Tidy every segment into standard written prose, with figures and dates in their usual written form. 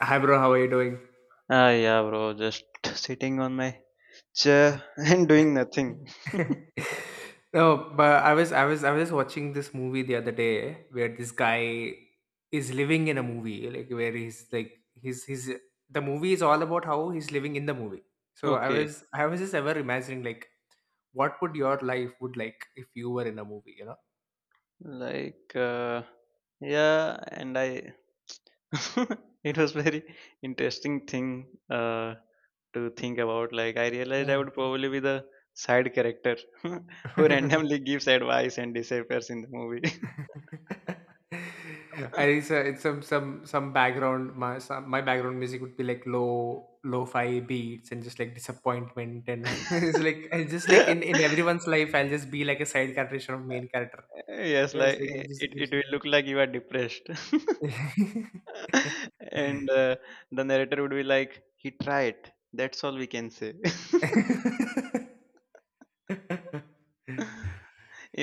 Hi bro, how are you doing? Ah, yeah, bro. Just sitting on my chair and doing nothing. No, but I was watching this movie the other day where this guy is living in a movie, like where he's like he's the movie is all about how he's living in the movie. So I Okay. was I was just ever imagining like what would your life would like if you were in a movie, you know? Like, yeah, and I. It was very interesting thing to think about. Like, I realized I would probably be the side character who Yeah. randomly gives advice and disappears in the movie. I it's, a, it's some My background music would be like low lo-fi beats and just like disappointment, and it's like it's just like in everyone's life I'll just be like a side character of main character, Yes, you know, it's like like it it, just it gives it. will look like you are depressed. And the narrator would be like, "He tried. That's all we can say."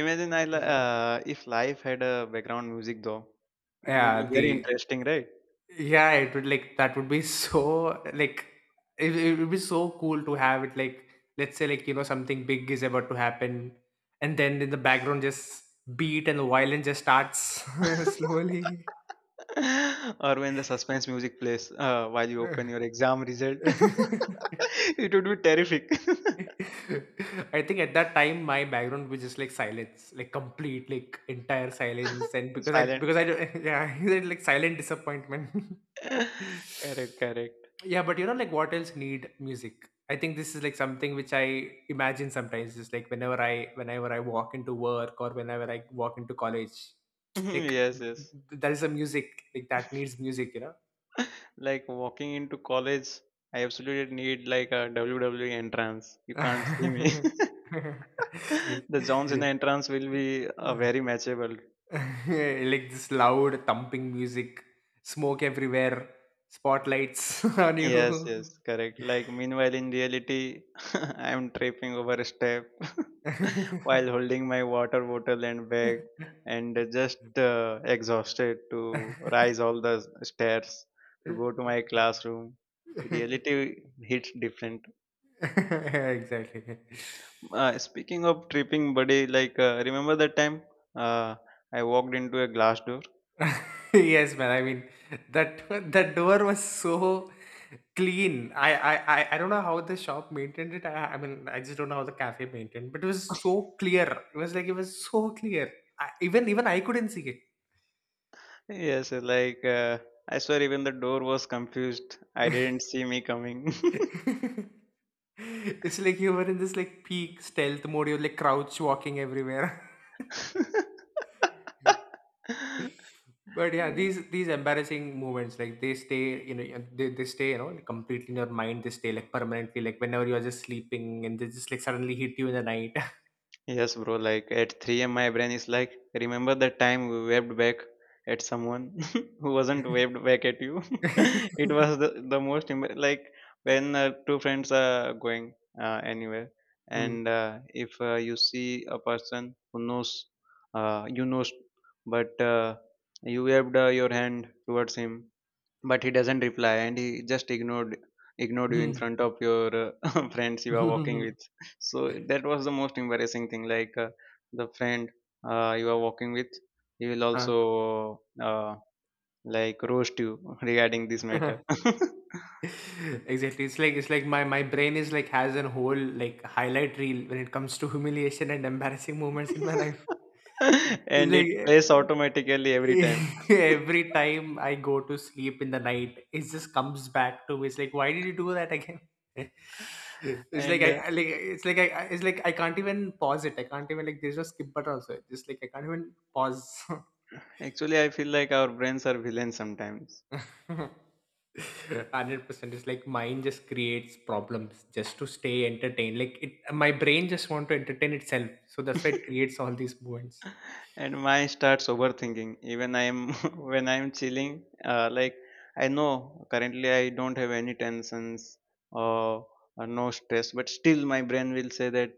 Imagine if life had a background music though, it would be yeah very the interesting, right? Yeah, it would like that would be so like it would be so cool to have it like, let's say, like, you know, something big is about to happen and then in the background just beat and the violin just starts slowly. Or when the suspense music plays while you open your exam result, it would be terrific. I think at that time my background was just like silence, like complete, like entire silence, and Silent. because I don't- yeah, like silent disappointment. Correct, correct. Yeah, but like what else need music? I think this is like something which I imagine sometimes, just like whenever I walk into work or whenever I walk into college, like Yes, yes. there is a music, like that needs music, you know. Like walking into college, I absolutely need like a WWE entrance. You can't see me. The Johns in the entrance will be very matchable. Like this loud thumping music, smoke everywhere, spotlights on Yes, you. yes, correct. Like meanwhile, in reality, I am tripping over a step while holding my water bottle and bag, and just exhausted to rise all the stairs to go to my classroom. Reality hits different. Exactly. Speaking of tripping, buddy, like remember that time uh, I walked into a glass door? Yes, man. I mean, that that door was so clean. I don't know how the shop maintained it. I mean, I just don't know how the cafe maintained, but it was so clear. It was like it was so clear. I, even even I couldn't see it. Yes, I swear, even the door was confused. I didn't see me coming. It's like you were in this like peak stealth mode. You're like crouch walking everywhere. But yeah, these embarrassing moments, like they stay, and they stay, like, completely in your mind. They stay like permanently, like whenever you are just sleeping, and they just like suddenly hit you in the night. Yes, bro. Like at 3 a.m., my brain is like, remember that time we waved back at someone who wasn't waved back at you? It was the most like when two friends are going anywhere, Hmm. and if you see a person who knows, you know, but you waved your hand towards him, but he doesn't reply and he just ignored you in Hmm. front of your friends you are walking with. So that was the most embarrassing thing, like the friend you are walking with, he will Huh. also uh, like roast you regarding this matter. Exactly. It's like my brain is like has an whole like highlight reel when it comes to humiliation and embarrassing moments in my life. It's And it like plays eh, automatically every time. Every time I go to sleep in the night, it just comes back to me. It's like, why did you do that again? it's like And I, I like it's like it's like I can't even pause it. I can't even, like, there's no skip button also. It's just like I can't even pause. actually I feel like our brains are villains sometimes. 100%. It's like mind just creates problems just to stay entertained. Like my brain just want to entertain itself. So that's why it creates all these moments. And my starts overthinking even I'm when I'm chilling, like I know currently I don't have any tensions or, or no stress, but still my brain will say that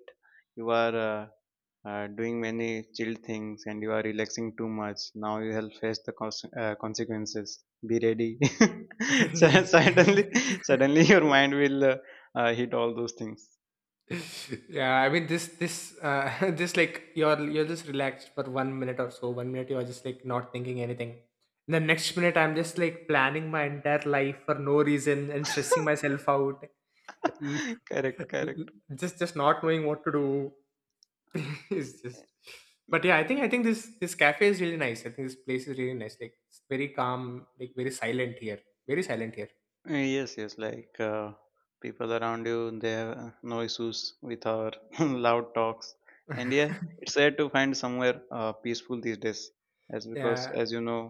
you are doing many chill things and you are relaxing too much. Now you will face the consequences, be ready. So suddenly suddenly your mind will hit all those things. Yeah, I mean, this, just like you're just relaxed for one minute or so, one minute you're just like not thinking anything, the next minute I'm just like planning my entire life for no reason and stressing myself out. Correct, correct. Just not knowing what to do. It's just, but yeah, I think this cafe is really nice. I think this place is really nice, like it's very calm, like very silent here, very silent here. Yes, yes, like people around you, they have no issues with our loud talks. And yeah, it's sad to find somewhere peaceful these days, as because Yeah. as you know,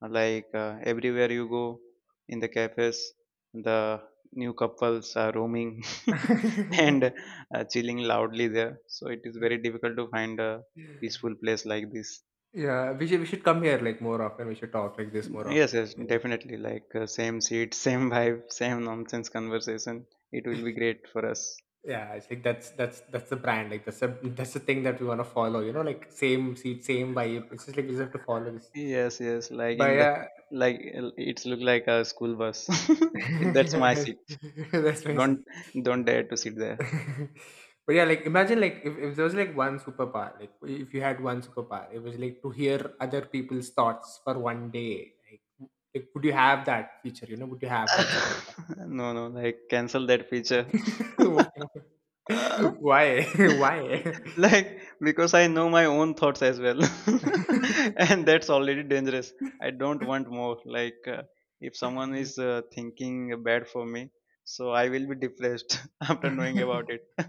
like everywhere you go in the cafes, the new couples are roaming and chilling loudly there. So it is very difficult to find a peaceful place like this. Yeah, we should come here, like, more often. We should talk like this more Yes, often. yes, Yeah, definitely. Like same seat, same vibe, same nonsense conversation. It will be great for us. yeah, I think that's the brand, like that's the thing that we want to follow, you know, like same seat, same vibe. It's just like we just have to follow this, Yes, yes. Like but in the, yeah. like it's look like a school bus. That's my seat. That's my Don't seat. don't dare to sit there. But yeah, like imagine, like if there was like one superpower, like if you had one superpower, it was like to hear other people's thoughts for one day. Like, would you have that feature? You know, would you have that superpower? No, no. Like cancel that feature. Why? Why? Like because I know my own thoughts as well and that's already dangerous. I don't want more, like if someone is thinking bad for me, so I will be depressed after knowing about it.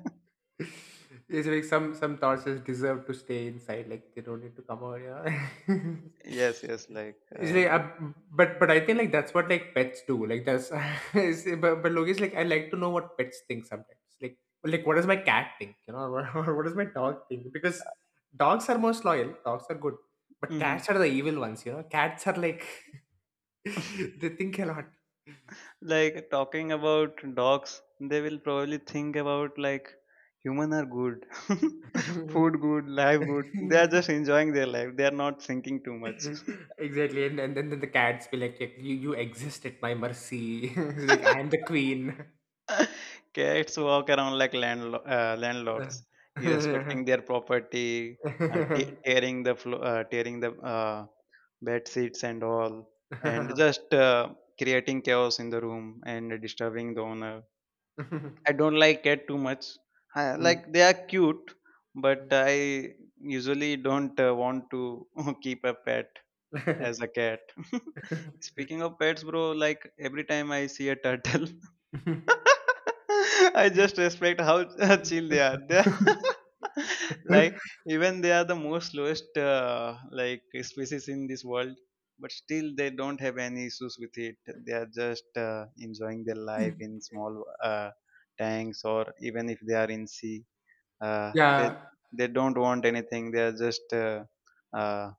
It's like some thoughts just deserve to stay inside, like they don't need to come out. Yeah. Yes, yes, like It's like, it, but I think like that's what like pets do. Like that's but Logi's like I like to know what pets think sometimes. Like what does my cat think? You know, or what does my dog think? Because dogs are most loyal. Dogs are good, but hmm cats are the evil ones. You know, cats are like they think a lot. like talking about dogs, they will probably think about like human are good. Food good, life good, they are just enjoying their life, they are not thinking too much. Exactly, and then the cats be like, you exist at my mercy. It's like I am the queen. Cats walk around like landlords, irrespecting their property, tearing the tearing the bed sheets and all, and just creating chaos in the room and disturbing the owner. I don't like cat too much. I, Mm. like they are cute, but I usually don't want to keep a pet as a cat. Speaking of pets, bro, like every time I see a turtle. I just respect how chill they are. They are like even they are the most lowest, like species in this world, but still they don't have any issues with it. They are just enjoying their life in small tanks, or even if they are in sea, uh, they Yeah. they don't want anything. They are just uh,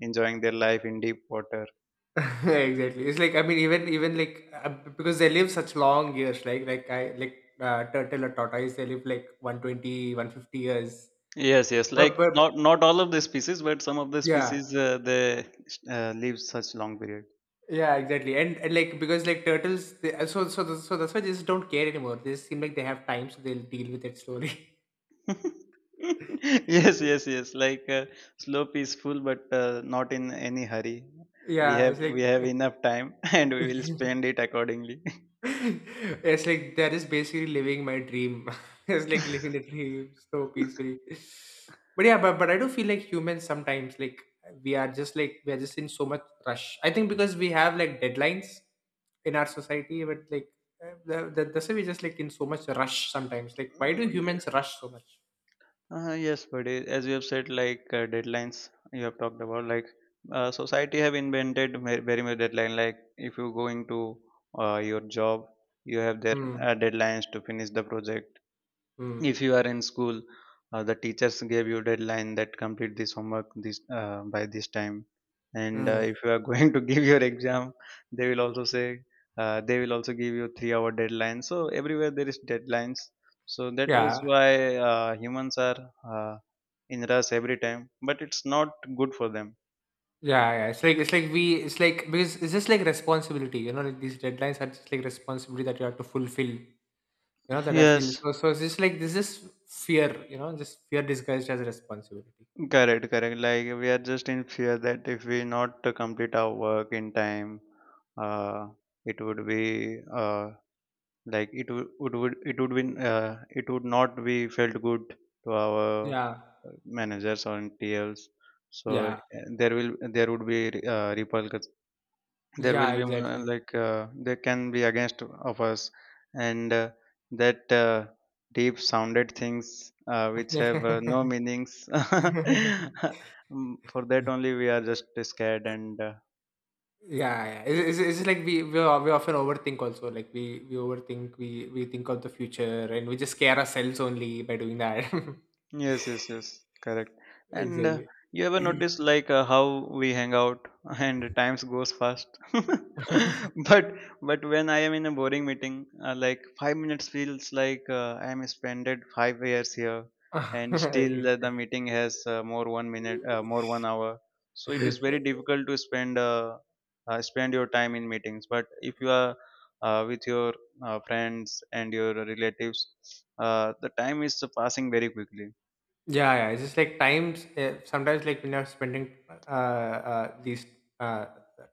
enjoying their life in deep water. Exactly. It's like, I mean, even like, because they live such long years, like turtle or tortoise, they live like 120, 150 years. Yes, yes. But Like but not all of the species, but some of the yeah, species they live such long period. yeah, exactly. And like, because like turtles, they, so that's why they just don't care anymore. They just seem like they have time, so they'll deal with it slowly. Yes, yes, yes. Like slow, peaceful, but not in any hurry. We Yeah, have it's we have like enough time, and we will spend it accordingly. it's like that is basically living my dream. It's like living the dream so peacefully. But yeah, but I do feel like humans sometimes, like we are just in so much rush. I think because we have like deadlines in our society, but like, that's why we just like in so much rush sometimes. Like, why do Mm, humans rush so much? yeah. Yes, but it, as you have said, like deadlines you have talked about, like society have invented very much deadline. Like if you going to your job, you have their Mm, deadlines to finish the project. mm, If you are in school, the teachers gave you deadline that complete this homework this by this time. And mm. if you are going to give your exam, they will also say, they will also give you 3-hour deadline. So everywhere there is deadlines, so that is Yeah. why humans are uh, in rush every time, but it's not good for them. Yeah, yeah. It's like because it's just like responsibility, you know, like these deadlines are just like responsibility that you have to fulfill, that I feel, Yes, so it's just like this is fear, just fear disguised as responsibility. correct, correct. Like we are just in fear that if we not complete our work in time, uh, it would be, uh, like it would been, it would not be felt good to our Yeah, managers or TLs, so yeah, there would be repulsions. There yeah, will be, exactly. They can be against of us, and that deep sounded things which have no meanings. Mm, for that only we are just scared and Yeah. yeah. It's, just like we, we often overthink also, like we overthink, we think of the future and we just scare ourselves only by doing that. Yes, yes, yes, correct. And Exactly. you ever notice like how we hang out and times goes fast. But but when I am in a boring meeting, like 5 minutes feels like I am spended 5 years here, and still the meeting has more one minute, more one hour. So it is Exactly. very difficult to spend your time in meetings. But if you are with your friends and your relatives, the time is passing very quickly. Yeah, yeah. It's just like times. Sometimes, like when you're spending, these, uh,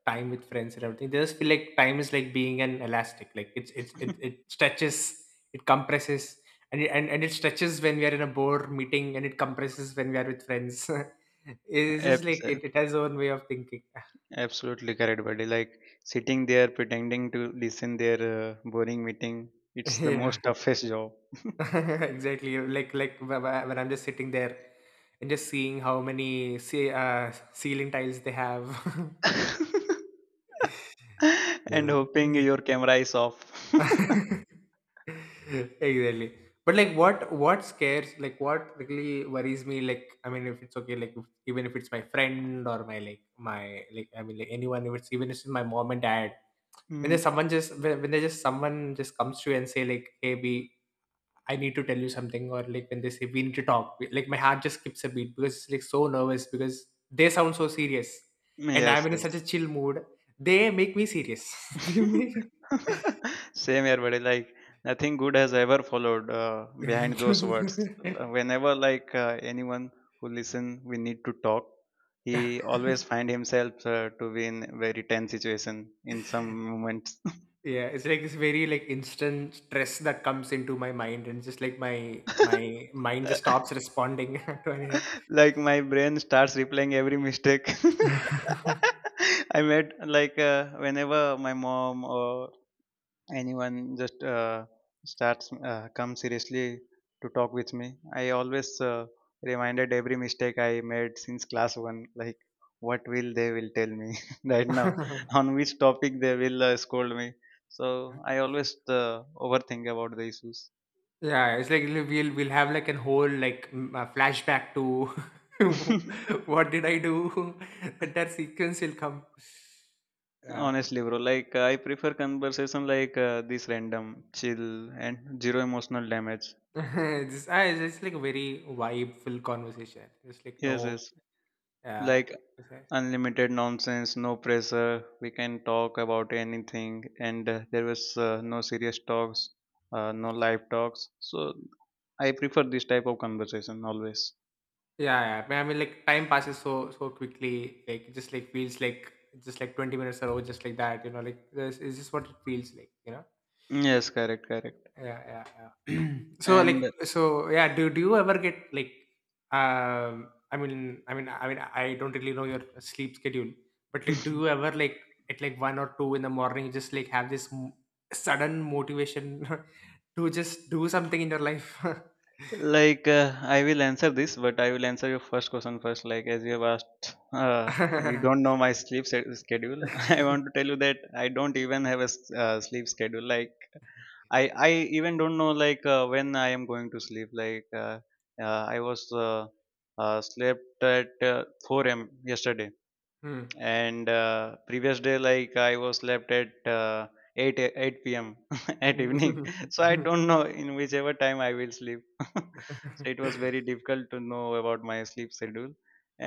time with friends and everything, they just feel like time is like being an elastic. Like it stretches, it compresses, and it stretches when we are in a board meeting, and it compresses when we are with friends. It's just Abs- like it has own way of thinking. Absolutely correct, buddy. Like sitting there pretending to listen their boring meeting, it's the Yeah, most toughest job. exactly. Like when I'm just sitting there and just seeing how many ceiling tiles they have. And hoping Yeah. your camera is off. Exactly, but like what scares, like what really worries me, like, I mean, if it's okay, like if, even if it's my friend or my, like my, like, I mean, like anyone, if it's even if it's my mom and dad, when there's Mm. someone just when there's just someone just comes to you and say like, hey b, I need to tell you something, or like when they say we need to talk, like my heart just skips a beat because it's like so nervous because they sound so serious, and I'm Yes, in yes. such a chill mood, they make me serious. they make Same here, buddy. Like nothing good has ever followed behind those words. Yeah, Whenever like anyone who listen, we need to talk. He always find himself to be in very tense situation in some moments. it's like this very, like, instant stress that comes into my mind, and just like my mind just stops responding to anything. Like my brain starts replaying every mistake I made, like whenever my mom or anyone just starts come seriously to talk with me, I always reminded every mistake I made since class 1, like what will they will tell me right now, on which topic they will scold me. So I always uh, overthink about the issues. Yeah, it's like we'll have like an whole, like a flashback to what did I do? That sequence will come. Yeah. Honestly, bro, like I prefer conversation like this random, chill, and zero emotional damage. It's like a very vibe full conversation. It's like Yes, no, yes, uh, like it's- like unlimited nonsense, no pressure, we can talk about anything, and there was, no serious talks, no live talks, so I prefer this type of conversation always. Yeah, yeah. I mean, like time passes so quickly. Like it just like feels like just like 20 minutes are over, just like that. You know, like this is just what it feels like. You know. Yes, correct, correct. Yeah, yeah, yeah. So like, And so yeah. Do you ever get, like, I mean, I don't really know your sleep schedule, but like, do you ever, like, at like 1 or 2 in the morning just like have this sudden motivation to just do something in your life? like I will answer this, but I will answer your first question first. Like as you have asked, you don't know my sleep schedule. I want to tell you that I don't even have a sleep schedule. Like i I even don't know, like when I am going to sleep. Like I was, uh, slept at 4 a.m. yesterday. Hmm. And previous day, like I was slept at 8 p.m at evening. Mm. So I don't know in whichever time I will sleep. So it was very difficult to know about my sleep schedule.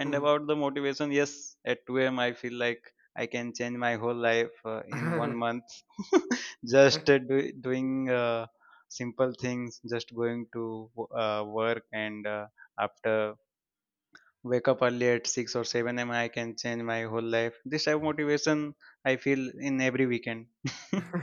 And Mm. about the motivation, yes, at 2 a.m I feel like I can change my whole life, in one Exactly. month. Just doing simple things, just going to work, and after wake up early at 6 or 7 a.m. I can change my whole life. This type of motivation I feel in every weekend.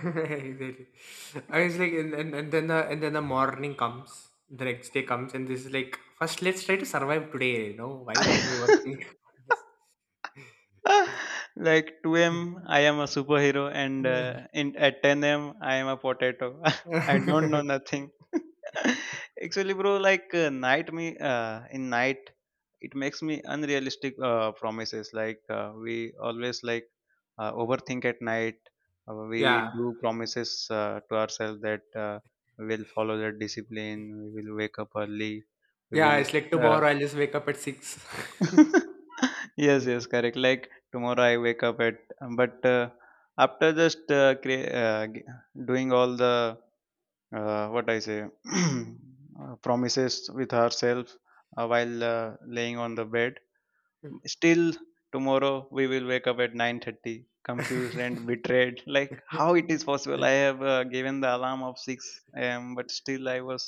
I was like, and then the morning comes, the next day comes, and this is like, first, let's try to survive today. You know, why overthink on this? Like 2 a.m. I am a superhero, and at 10 a.m. I am a potato. I don't know nothing. Actually, bro, like night me, in night, it makes me unrealistic promises, like we always like overthink at night We Yeah, do promises, to ourselves that we will follow that discipline. We will wake up early. We yeah. will It's like uh, tomorrow I'll just wake up at 6. yes, correct. Like, tomorrow I wake up at, but after just doing all the, what I say, promises with herself, while laying on the bed still, tomorrow we will wake up at 9:30. Confused and betrayed, like how it is possible I have given the alarm of 6 a.m. but still I was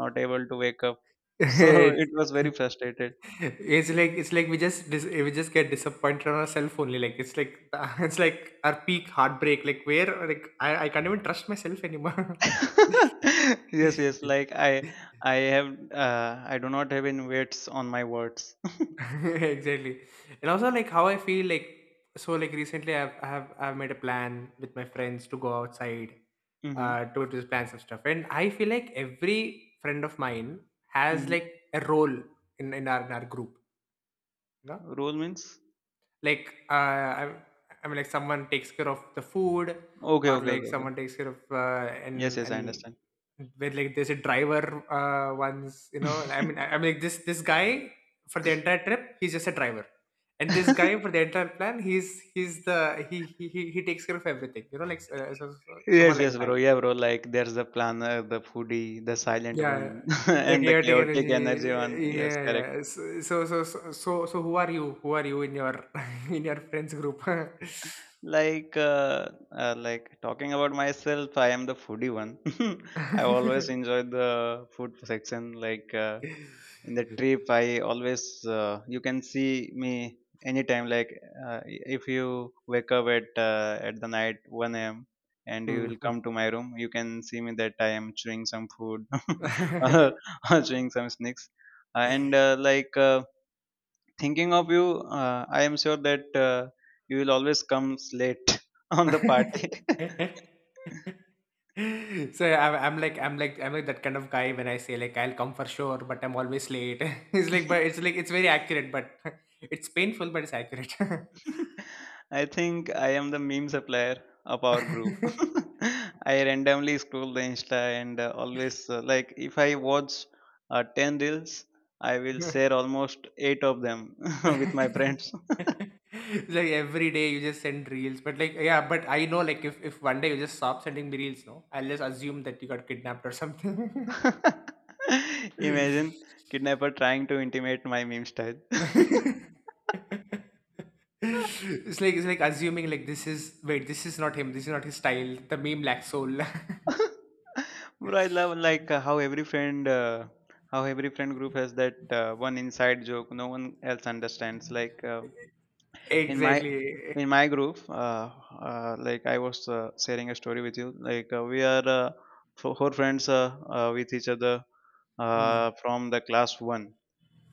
not able to wake up. So It's it was very frustrated. like we just get disappointed on ourselves only. Like, it's like it's like our peak heartbreak. Like where I can't even trust myself anymore. Yes, yes. Like I have, I do not have any weights on my words. Exactly, and also like how I feel like so like recently I've I have I've made a plan with my friends to go outside, Mm-hmm. To just plan some stuff, and I feel like every friend of mine has Mm-hmm. like a role in our group. Rule means? Like, I mean, like someone takes care of the food, Okay, or okay, like okay, okay. someone takes care of, uh, Yes, and yes, I and understand. where like there's a driver once, you know. Like this guy for the entire trip, he's just a driver, and this guy for the entire plan, he's the he takes care of everything, you know, Yes, someone like yes, that. bro. Yeah, bro, like there's the planner, the foodie, the silent one, Yeah, the and the chaotic chaotic energy. energy one. Yes, Yeah, correct. yeah. So who are you? Who are you in your in your friends group? Like talking about myself, I am the foodie one. I always enjoy the food section. Like, in the trip, I always, you can see me anytime. Like, if you wake up at, at the night 1 a.m. and you Hmm. will come to my room, you can see me that I am chewing some food, so I'm, or, or chewing some snacks. And like. Thinking of you, I am sure that you will always come late on the party. I'm like that kind of guy when I say like I'll come for sure, but I'm always late. it's like but it's like it's very accurate, but it's painful, but it's accurate. I think I am the meme supplier of our group. I randomly scroll the Insta, and always, like if I watch 10 reels, I will share almost 8 of them with my friends. Like every day you just send reels, but like yeah, but I know like if one day you just stop sending me reels, no, I'll just assume that you got kidnapped or something. Imagine kidnapper trying to intimate my meme style. It's like assuming like this is wait this is not him this is not his style the meme lacks soul. Bro, I love, like, how every friend group has that one inside joke no one else understands. Like, in my Exactly. in my group, like I was sharing a story with you. Like, we are four friends, with each other, Mm. From the class one.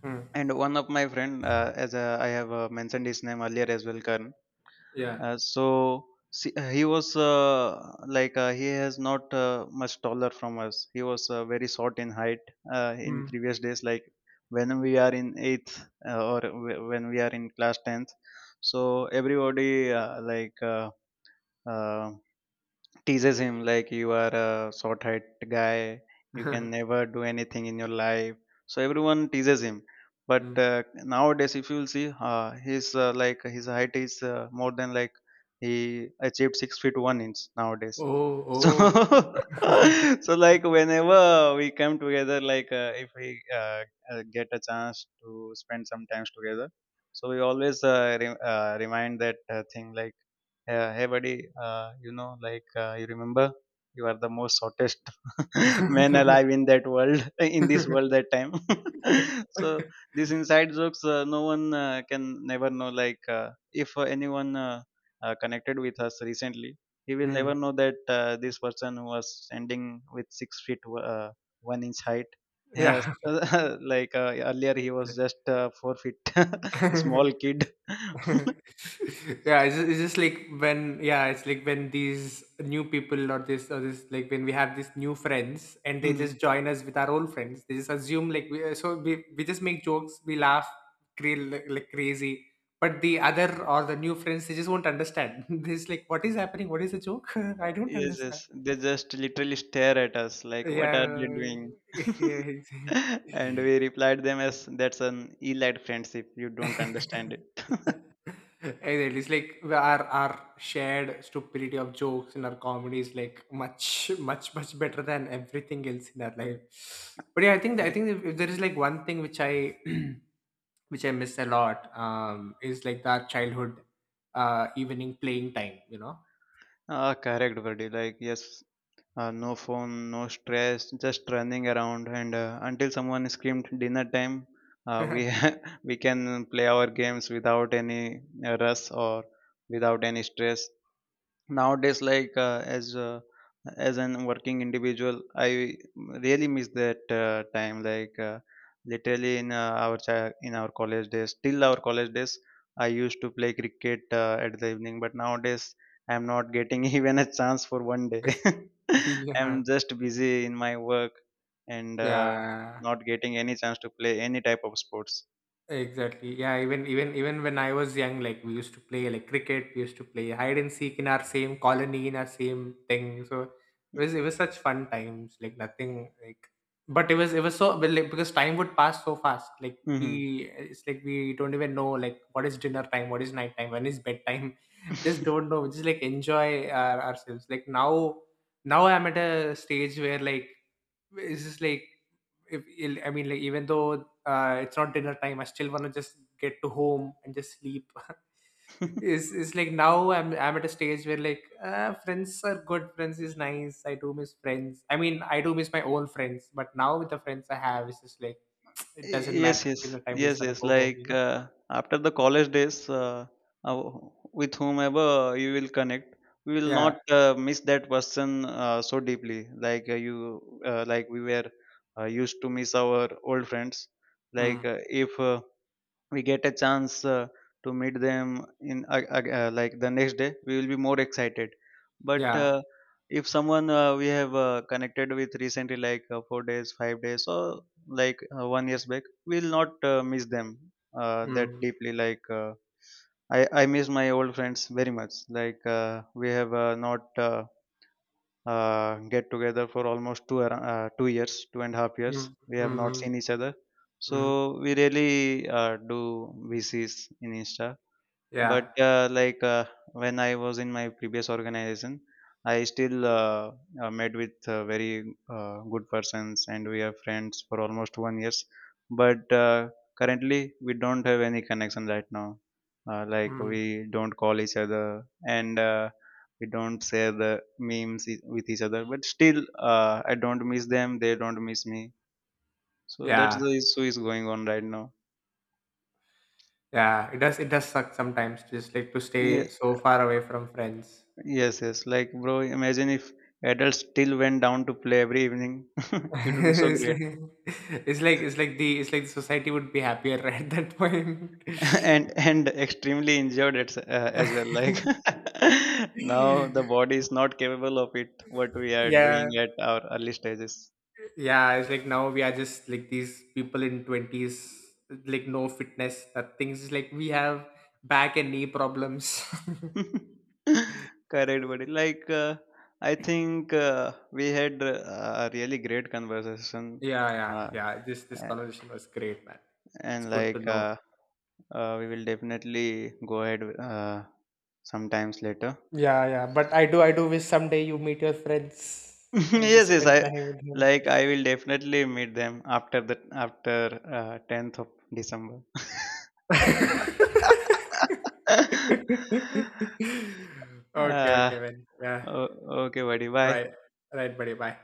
Mm. And one of my friend, as I have mentioned his name earlier as well, Karan. Yeah. So see, he was like he has not much taller from us. He was very short in height, in Mm. previous days, like when we are in eighth, or when we are in class 10th. So everybody, uh, teases him like, you are a short-haired guy, you can never do anything in your life. So everyone teases him, but Mm. Nowadays, if you'll see, he's, like his height is, more than, like, he achieved 6 feet one inch nowadays. Oh, So oh. so like whenever we come together, like, if we, get a chance to spend some times together, so we always remind that thing, like, yeah, hey buddy, like, you remember, you are the most hottest man alive in that world, in this world that time. So these inside jokes, no one can never know. Like, if anyone, connected with us recently, he will Mm. never know that this person was standing with 6 feet, one inch height. Yes, Yeah. like, earlier he was just, 4 feet, small kid. Yeah, it's just like when yeah, it's like when these new people or this like when we have these new friends and they just join us with our old friends. They just assume like we just make jokes, we laugh, like crazy. But the other or the new friends, they just won't understand. They're just like, what is happening? What is the joke? I don't Yes, understand. yes. They just literally stare at us like, what are they Yeah, doing? yeah. Exactly. And we replied them as, that's an elite friendship. You don't understand it. It is like our shared stupidity of jokes in our comedy is like much better than everything else in our life. But yeah, I think that, I think Correct. If there is like one thing which I which I miss a lot is like that childhood evening playing time. You know. Ah, correct, buddy. Like, yes, no phone, no stress, just running around, and, until someone screamed dinner time, we we can play our games without any rush or without any stress. Nowadays, like, as an working individual, I really miss that time. Like, literally in, in our college days, till our college days, I used to play cricket at the evening, but nowadays I am not getting even a chance for one day. I am Yeah. just busy in my work, and Yeah. not getting any chance to play any type of sports. Exactly. Yeah, even when I was young, like we used to play like cricket, we used to play hide and seek in our same colony, in our same thing. So it was such fun times, like nothing like but it was so but, like, because time would pass so fast. Like Mm-hmm. we it's like we don't even know like what is dinner time, what is night time, when is bedtime. Just don't know. Just like enjoy ourselves. Like, now I'm at a stage where like it's just like if I mean like even though it's not dinner time, I still want to just get to home and just sleep. It's like now I'm at a stage where like friends are good, friends is nice. I do miss friends. I mean I do miss my own friends, but now with the friends I have, it's just like it doesn't Yes, matter. yes, Dinner time, just yes, wanna yes. go home. You Like, know? After the college days, uh, with whomever you will connect, we will Yeah. not miss that person so deeply. Like, like we were, used to miss our old friends. Like, Mm. If we get a chance, to meet them in, like the next day we will be more excited, but Yeah. If someone, we have connected with recently, like, 4 days, 5 days, or like, 1 years back, we will not miss them that Mm. deeply, like, I miss my old friends very much. Like, we have not, uh, get together for almost 2 years, 2.5 years. Mm. We Mm. have not Mm. seen each other, so Mm. we really do VCs in Insta. But, Yeah. Like, when I was in my previous organization, I still met with very good persons, and we are friends for almost one years. But, currently, we don't have any connection right now. Like, Mm. we don't call each other, and we don't share the memes with each other. But still, I don't miss them; they don't miss me. So that's Yeah. the issue is going on right now. Yeah, it does suck sometimes just like to stay so far away from friends. Yes, yes. Like, bro, imagine if adults still went down to play every evening. It would be so It's great. like it's like the society would be happier at that point. And extremely injured as well. Like, now the body is not capable of it, what we are Yeah, doing at our early stages. yeah, it's like now we are just like these people in 20s like no fitness, nothing's. It's like we have back and knee problems. Correct, buddy. Like, I think we had a really great conversation. Yeah, yeah, Uh, yeah. This a- conversation was great, man. It's and, good to like, know. We will definitely go ahead sometimes later. Yeah, yeah. But I do wish someday you meet your friends and Yes, just yes, spend I time with them. like I will definitely meet them after the, after 10th of December. Okay, uh, okay, man. Yeah. o- okay, buddy, bye. Right. Right, buddy. Bye.